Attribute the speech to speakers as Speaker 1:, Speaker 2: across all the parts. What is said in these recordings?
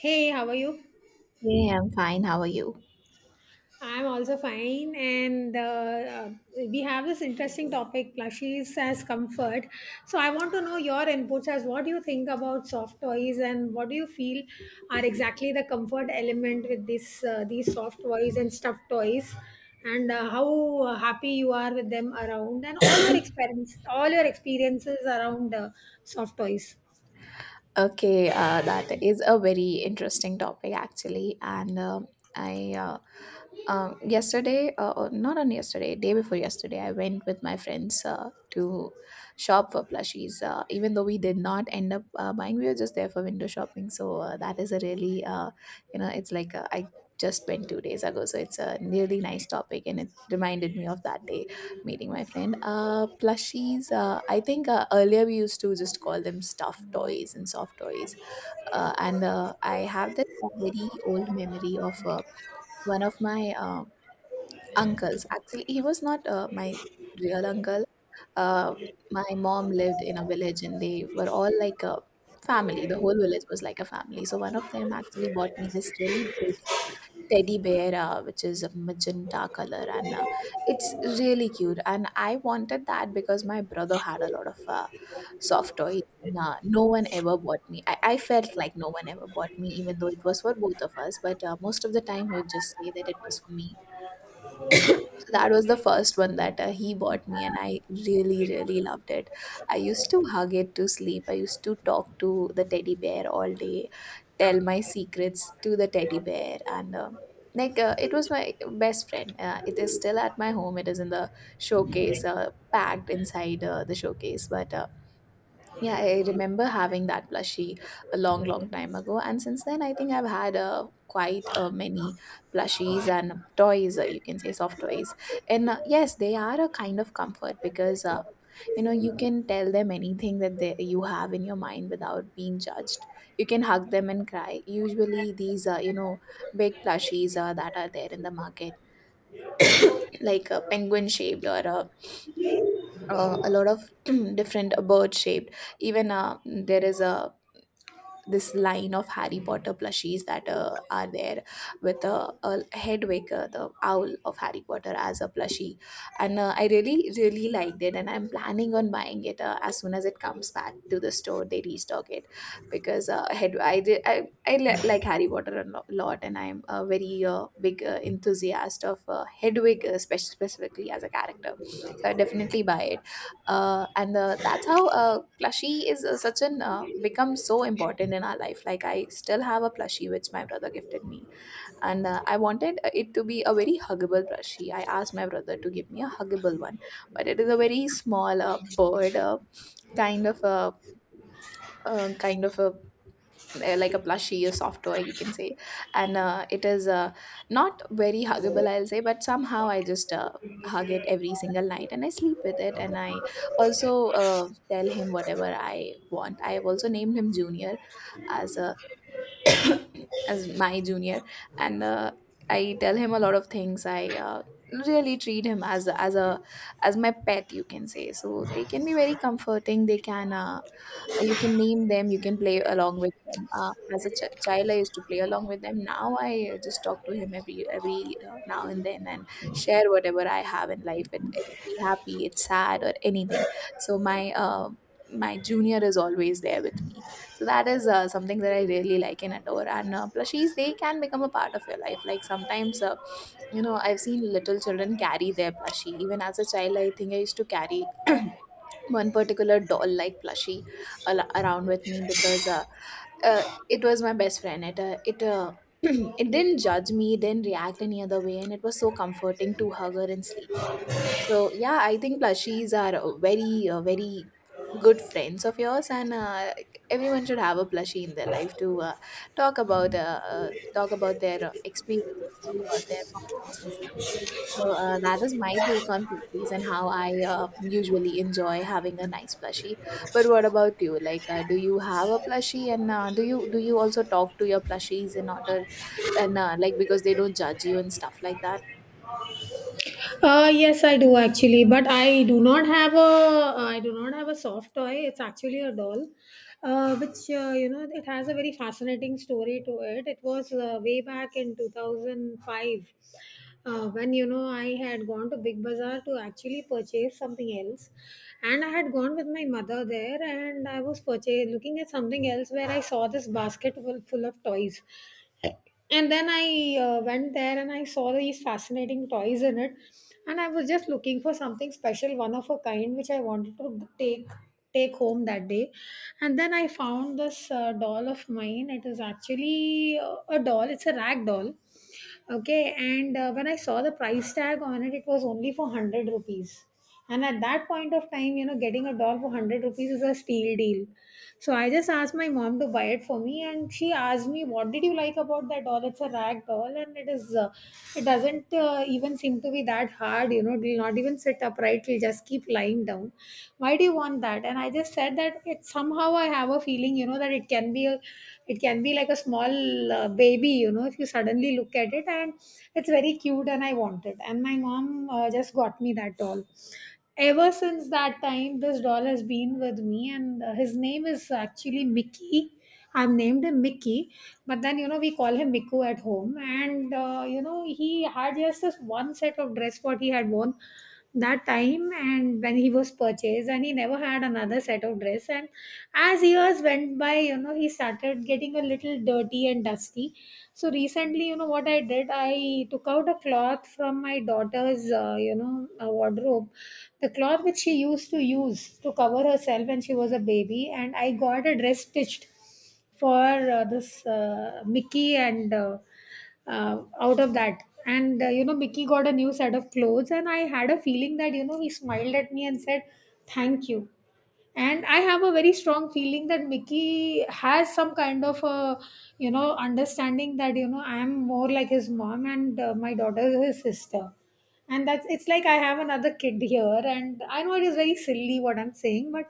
Speaker 1: Hey, how are you?
Speaker 2: Hey, I'm fine. How are you?
Speaker 1: I'm also fine, and we have this interesting topic, plushies as comfort. So, I want to know your inputs as what do you think about soft toys, and what do you feel are exactly the comfort element with this these soft toys and stuffed toys, and how happy you are with them around, and all your experience, all your experiences around soft toys.
Speaker 2: Okay, that is a very interesting topic actually, and I yesterday, or not on yesterday, day before yesterday, I went with my friends to shop for plushies. Even though we did not end up buying, we were just there for window shopping. So that is a really, it's like I just went 2 days ago. So it's a really nice topic, and it reminded me of that day meeting my friend. Plushies. I think earlier we used to just call them stuffed toys and soft toys. And I have this very old memory of one of my uncles. Actually, he was not my real uncle. uh, my mom lived in a village and they were all like a family. The whole village was like a family, so one of them actually bought me this really big teddy bear, which is a magenta color, and it's really cute, and I wanted that because my brother had a lot of soft toys, and no one ever bought me. I felt like no one ever bought me, even though it was for both of us, but most of the time he would just say that it was for me. So that was the first one that he bought me, and I really, really loved it. I used to hug it to sleep. I used to talk to the teddy bear all day, tell my secrets to the teddy bear, and it was my best friend. It is still at my home. It is in the showcase, packed inside the showcase. But yeah, I remember having that plushie a long, long time ago, and since then, I think I've had quite many plushies and toys. You can say soft toys, and yes, they are a kind of comfort because you know, you can tell them anything that you have in your mind without being judged. You can hug them and cry. Usually, these you know, big plushies that are there in the market, like a penguin shaped, or a, a lot of different bird shaped. Even there is a this line of Harry Potter plushies that are there with Hedwig, the owl of Harry Potter, as a plushie. And I really, really liked it. And I'm planning on buying it as soon as it comes back to the store, they restock it. Because Hed- I, did, I li- like Harry Potter a lot, and I'm a very big enthusiast of Hedwig, specifically as a character. So I definitely buy it, and that's how plushie is such an become so important in our life. Like, I still have a plushie which my brother gifted me, and I wanted it to be a very huggable plushie. I asked my brother to give me a huggable one, but it is a very small bird, kind of a, uh, kind of a like a plushie, a soft toy, you can say. And it is not very huggable, I'll say, but somehow I just hug it every single night and I sleep with it. And I also tell him whatever I want. I have also named him Junior, as a as my junior, and I tell him a lot of things. I really treat him as a as my pet, you can say. So they can be very comforting. They can. You can name them, you can play along with them, as a child. I used to play along with them. Now I just talk to him every now and then, and share whatever I have in life, it be happy, it's sad, or anything. So my my junior is always there with me. So that is something that I really like and adore, and plushies, they can become a part of your life. Like, sometimes you know, I've seen little children carry their plushie. Even as a child, I think I used to carry one particular doll like plushie around with me, because it was my best friend. It it It didn't judge me, didn't react any other way, and it was so comforting to hug her and sleep. So yeah, I think plushies are a very very good friends of yours, and everyone should have a plushie in their life to talk about, talk about their experiences, talk about their problems and stuff. So that is my take on plushies and how I usually enjoy having a nice plushie. But what about you? Like, do you have a plushie, and do you also talk to your plushies in order, and like, because they don't judge you and stuff like that?
Speaker 1: Yes, I do actually, but I do not have a soft toy. It's actually a doll, which it has a very fascinating story to it. It was way back in 2005, when I had gone to Big Bazaar to actually purchase something else, and I had gone with my mother there, and I was purchase looking at something else, where I saw this basket full of toys. And then I went there and I saw these fascinating toys in it, and I was just looking for something special, one of a kind, which I wanted to take home that day. And then I found this doll of mine. It is actually a doll, it's a rag doll. Okay. And when I saw the price tag on it, it was only for 100 rupees. And at that point of time, getting a doll for 100 rupees is a steal deal. So I just asked my mom to buy it for me, and she asked me, what did you like about that doll? It's a rag doll, and it is it doesn't even seem to be that hard. You know it will not even sit upright, it will just keep lying down, why do you want that? And I just said that it, somehow I have a feeling that it can be like a small baby, if you suddenly look at it, and it's very cute, and I want it. And my mom just got me that doll. Ever since that time, this doll has been with me, and his name is actually Mickey. I've named him Mickey, but then we call him Miku at home, and he had just this one set of dress what he had worn that time and when he was purchased, and he never had another set of dress. And as years went by, he started getting a little dirty and dusty. So recently, you know what I did? I took out a cloth from my daughter's wardrobe, the cloth which she used to use to cover herself when she was a baby, and I got a dress stitched for this Mickey, and out of that, and Mickey got a new set of clothes, and I had a feeling that he smiled at me and said thank you. And I have a very strong feeling that Mickey has some kind of a, understanding that I am more like his mom, and my daughter is his sister. And that's it's like I have another kid here, and I know it is very silly what I'm saying, but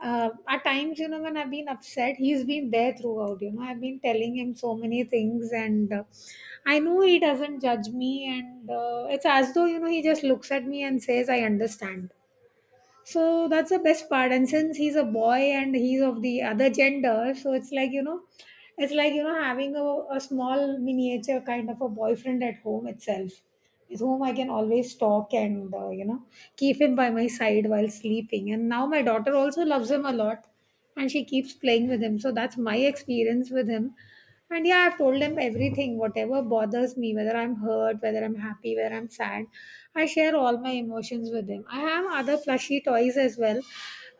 Speaker 1: at times, when I've been upset, he's been there throughout. I've been telling him so many things, and I know he doesn't judge me. And it's as though, he just looks at me and says, I understand. So that's the best part. And since he's a boy and he's of the other gender, so it's like, it's like, having a small miniature kind of a boyfriend at home itself, with whom I can always talk and keep him by my side while sleeping. And now my daughter also loves him a lot, and she keeps playing with him. So that's my experience with him. And yeah, I've told him everything, whatever bothers me, whether I'm hurt, whether I'm happy, whether I'm sad. I share all my emotions with him. I have other plushy toys as well,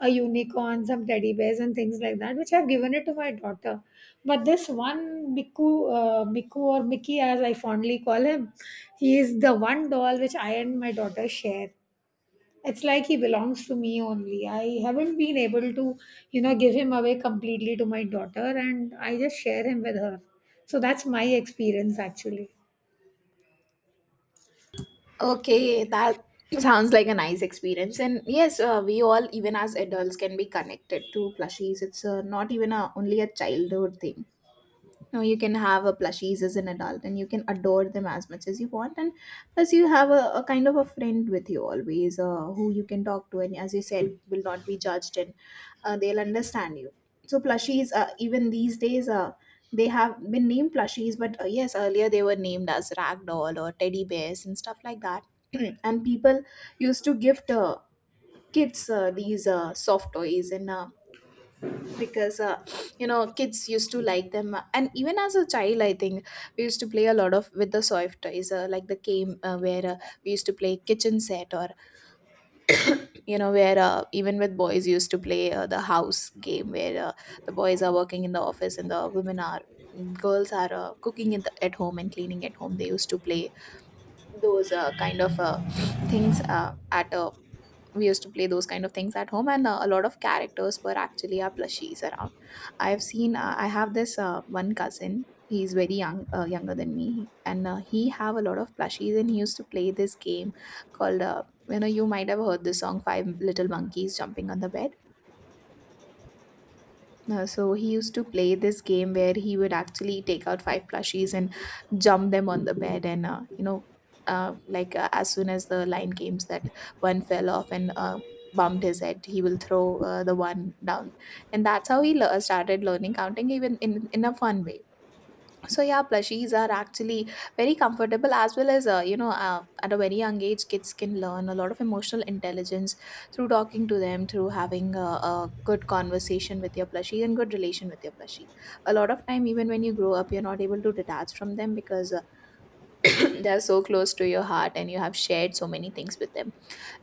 Speaker 1: a unicorn, some teddy bears, and things like that, which I've given it to my daughter. But this one Miku, or Mickey, as I fondly call him, he is the one doll which I and my daughter share. It's like he belongs to me only. I haven't been able to, give him away completely to my daughter, and I just share him with her. So that's my experience actually.
Speaker 2: Okay, that sounds like a nice experience. And yes, we all, even as adults, can be connected to plushies. It's not even only a childhood thing. No, you can have a plushies as an adult and you can adore them as much as you want. And plus, you have a kind of a friend with you always, who you can talk to. And as you said, will not be judged, and they'll understand you. So, plushies, even these days, they have been named plushies, but yes, earlier they were named as ragdoll or teddy bears and stuff like that. And people used to gift kids these soft toys, and because you know, kids used to like them. And even as a child, I think we used to play a lot of with the soft toys, like the game, where we used to play kitchen set, or you know, where even with boys used to play the house game, where the boys are working in the office and the women are, girls are cooking in the, at home and cleaning at home. They used to play those kind of things, at a, we used to play those kind of things at home, and a lot of characters were actually our plushies around. I've seen, I have this one cousin. He's very young, younger than me, and he have a lot of plushies and he used to play this game called, you know, you might have heard this song, five little monkeys jumping on the bed. So he used to play this game where he would actually take out five plushies and jump them on the bed, and you know, as soon as the line came that one fell off and bumped his head, he will throw the one down. And that's how he started learning counting, even in a fun way. So yeah, plushies are actually very comfortable, as well as you know, at a very young age, kids can learn a lot of emotional intelligence through talking to them, through having a good conversation with your plushie and good relation with your plushie. A lot of time, even when you grow up, you're not able to detach from them because they are so close to your heart and you have shared so many things with them.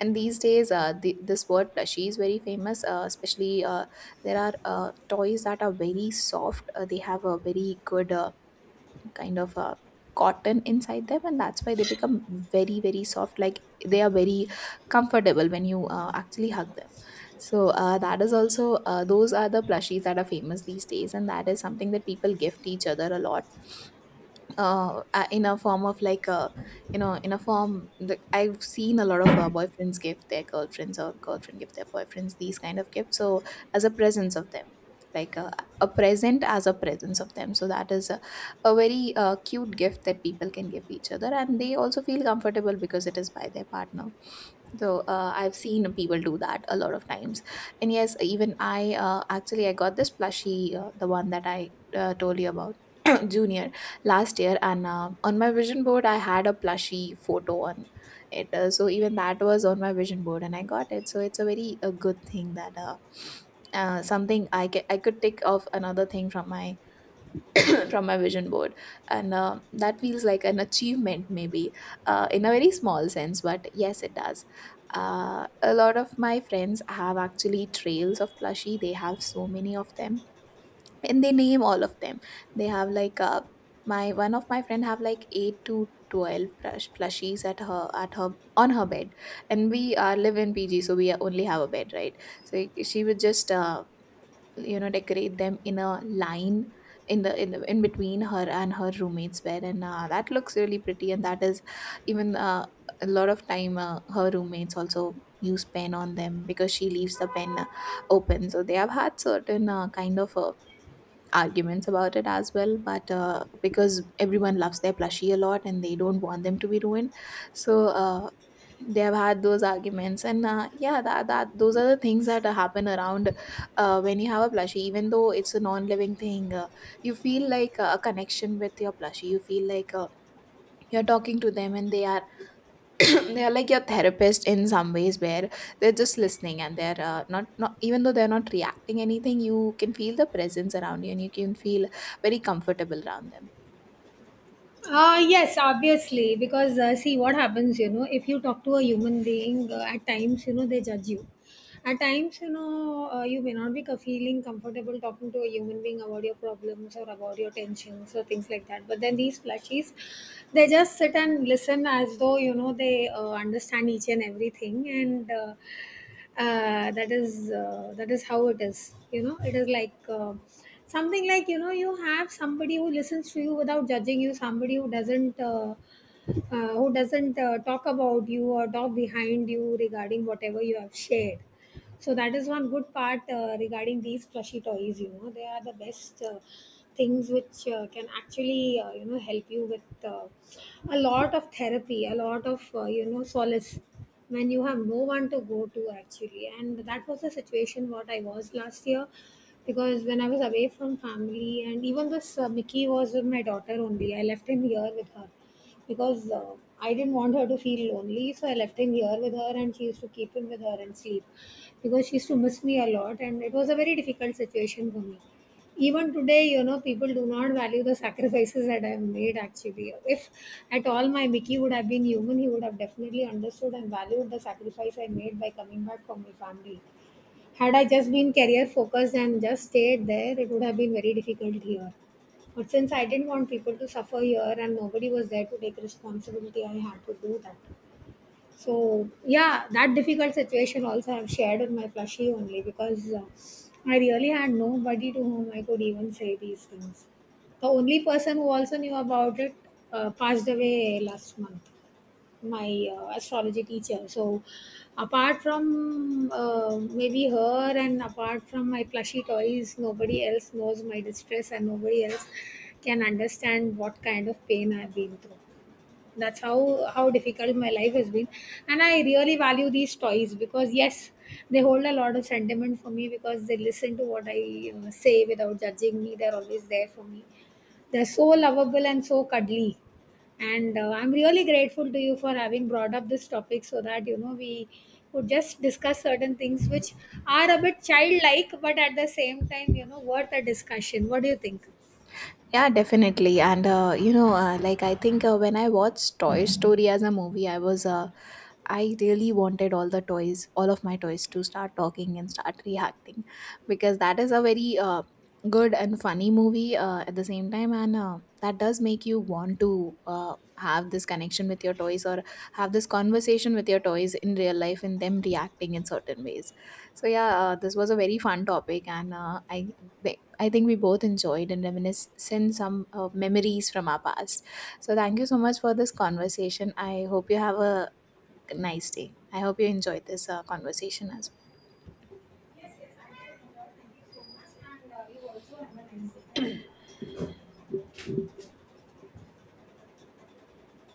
Speaker 2: And these days, this word plushie is very famous, especially there are toys that are very soft. They have a very good kind of a cotton inside them, and that's why they become very, very soft. Like, they are very comfortable when you actually hug them. So that is also, those are the plushies that are famous these days, and that is something that people gift each other a lot, in a form of like a, you know, in a form that I've seen a lot of boyfriends give their girlfriends, or girlfriend give their boyfriends, these kind of gifts. So, as a presence of them, like a present as a presence of them. So that is a very cute gift that people can give each other, and they also feel comfortable because it is by their partner. So I've seen people do that a lot of times. And yes, even I, actually I got this plushie, the one that I told you about, Junior, last year. And on my vision board I had a plushie photo on it, so even that was on my vision board and I got it. So it's a very a good thing that something, I could take off another thing from my from my vision board, and that feels like an achievement maybe, in a very small sense, but yes it does. A lot of my friends have actually trails of plushie, they have so many of them, and they name all of them. They have like, my one of my friend have like 8 to 12 plushies at her, on her bed. And we live in pg, so we only have a bed, right? So she would just you know, decorate them in a line, in the in between her and her roommate's bed, and that looks really pretty. And that is even a lot of time, her roommates also use pen on them because she leaves the pen open. So they have had certain arguments about it as well, but because everyone loves their plushie a lot and they don't want them to be ruined. So they have had those arguments, and yeah, that those are the things that happen around when you have a plushie. Even though it's a non-living thing, you feel like a connection with your plushie. You feel like you're talking to them, and they are they are like your therapist in some ways, where they're just listening, and they're not even though they're not reacting anything, you can feel the presence around you, and you can feel very comfortable around them.
Speaker 1: Yes, obviously, because see what happens, if you talk to a human being, at times, they judge you. At times, you may not be feeling comfortable talking to a human being about your problems or about your tensions or things like that. But then these plushies, they just sit and listen as though, they understand each and everything. And that is how it is. You know, it is like. Something like, you have somebody who listens to you without judging you, somebody who doesn't talk about you or talk behind you regarding whatever you have shared. So that is one good part regarding these plushy toys. You know, they are the best things which can actually help you with a lot of therapy, a lot of solace, when you have no one to go to actually. And that was the situation what I was last year, because when I was away from family, and even this Mickey was with my daughter only. I left him here with her, because I didn't want her to feel lonely, so I left him here with her, and she used to keep him with her and sleep, because she used to miss me a lot, and it was a very difficult situation for me. Even today, people do not value the sacrifices that I've made actually. If at all my Mickey would have been human, he would have definitely understood and valued the sacrifice I made by coming back for my family. Had I just been career focused and just stayed there, it would have been very difficult here. But since I didn't want people to suffer here and nobody was there to take responsibility, I had to do that. So, yeah, that difficult situation also I've shared with my plushie only, because I really had nobody to whom I could even say these things. The only person who also knew about it passed away last month, my astrology teacher. So, apart from maybe her, and apart from my plushy toys, nobody else knows my distress, and nobody else can understand what kind of pain I've been through. That's how difficult my life has been. And I really value these toys, because yes, they hold a lot of sentiment for me, because they listen to what I say without judging me. They're always there for me, they're so lovable and so cuddly. And I'm really grateful to you for having brought up this topic, so that we could just discuss certain things which are a bit childlike, but at the same time, worth a discussion. What do you think?
Speaker 2: Yeah, definitely. And you know, like, I think when I watched Toy Story as a movie, I really wanted all the toys, all of my toys to start talking and start reacting, because that is a very good and funny movie at the same time, and that does make you want to have this connection with your toys, or have this conversation with your toys in real life and them reacting in certain ways. So yeah, this was a very fun topic, and I think we both enjoyed and reminisced some memories from our past. So thank you so much for this conversation. I hope you have a nice day. I hope you enjoyed this conversation as well.
Speaker 1: Yes, yes, I did enjoy. Thank you so much. And you also have a nice day. Thank you.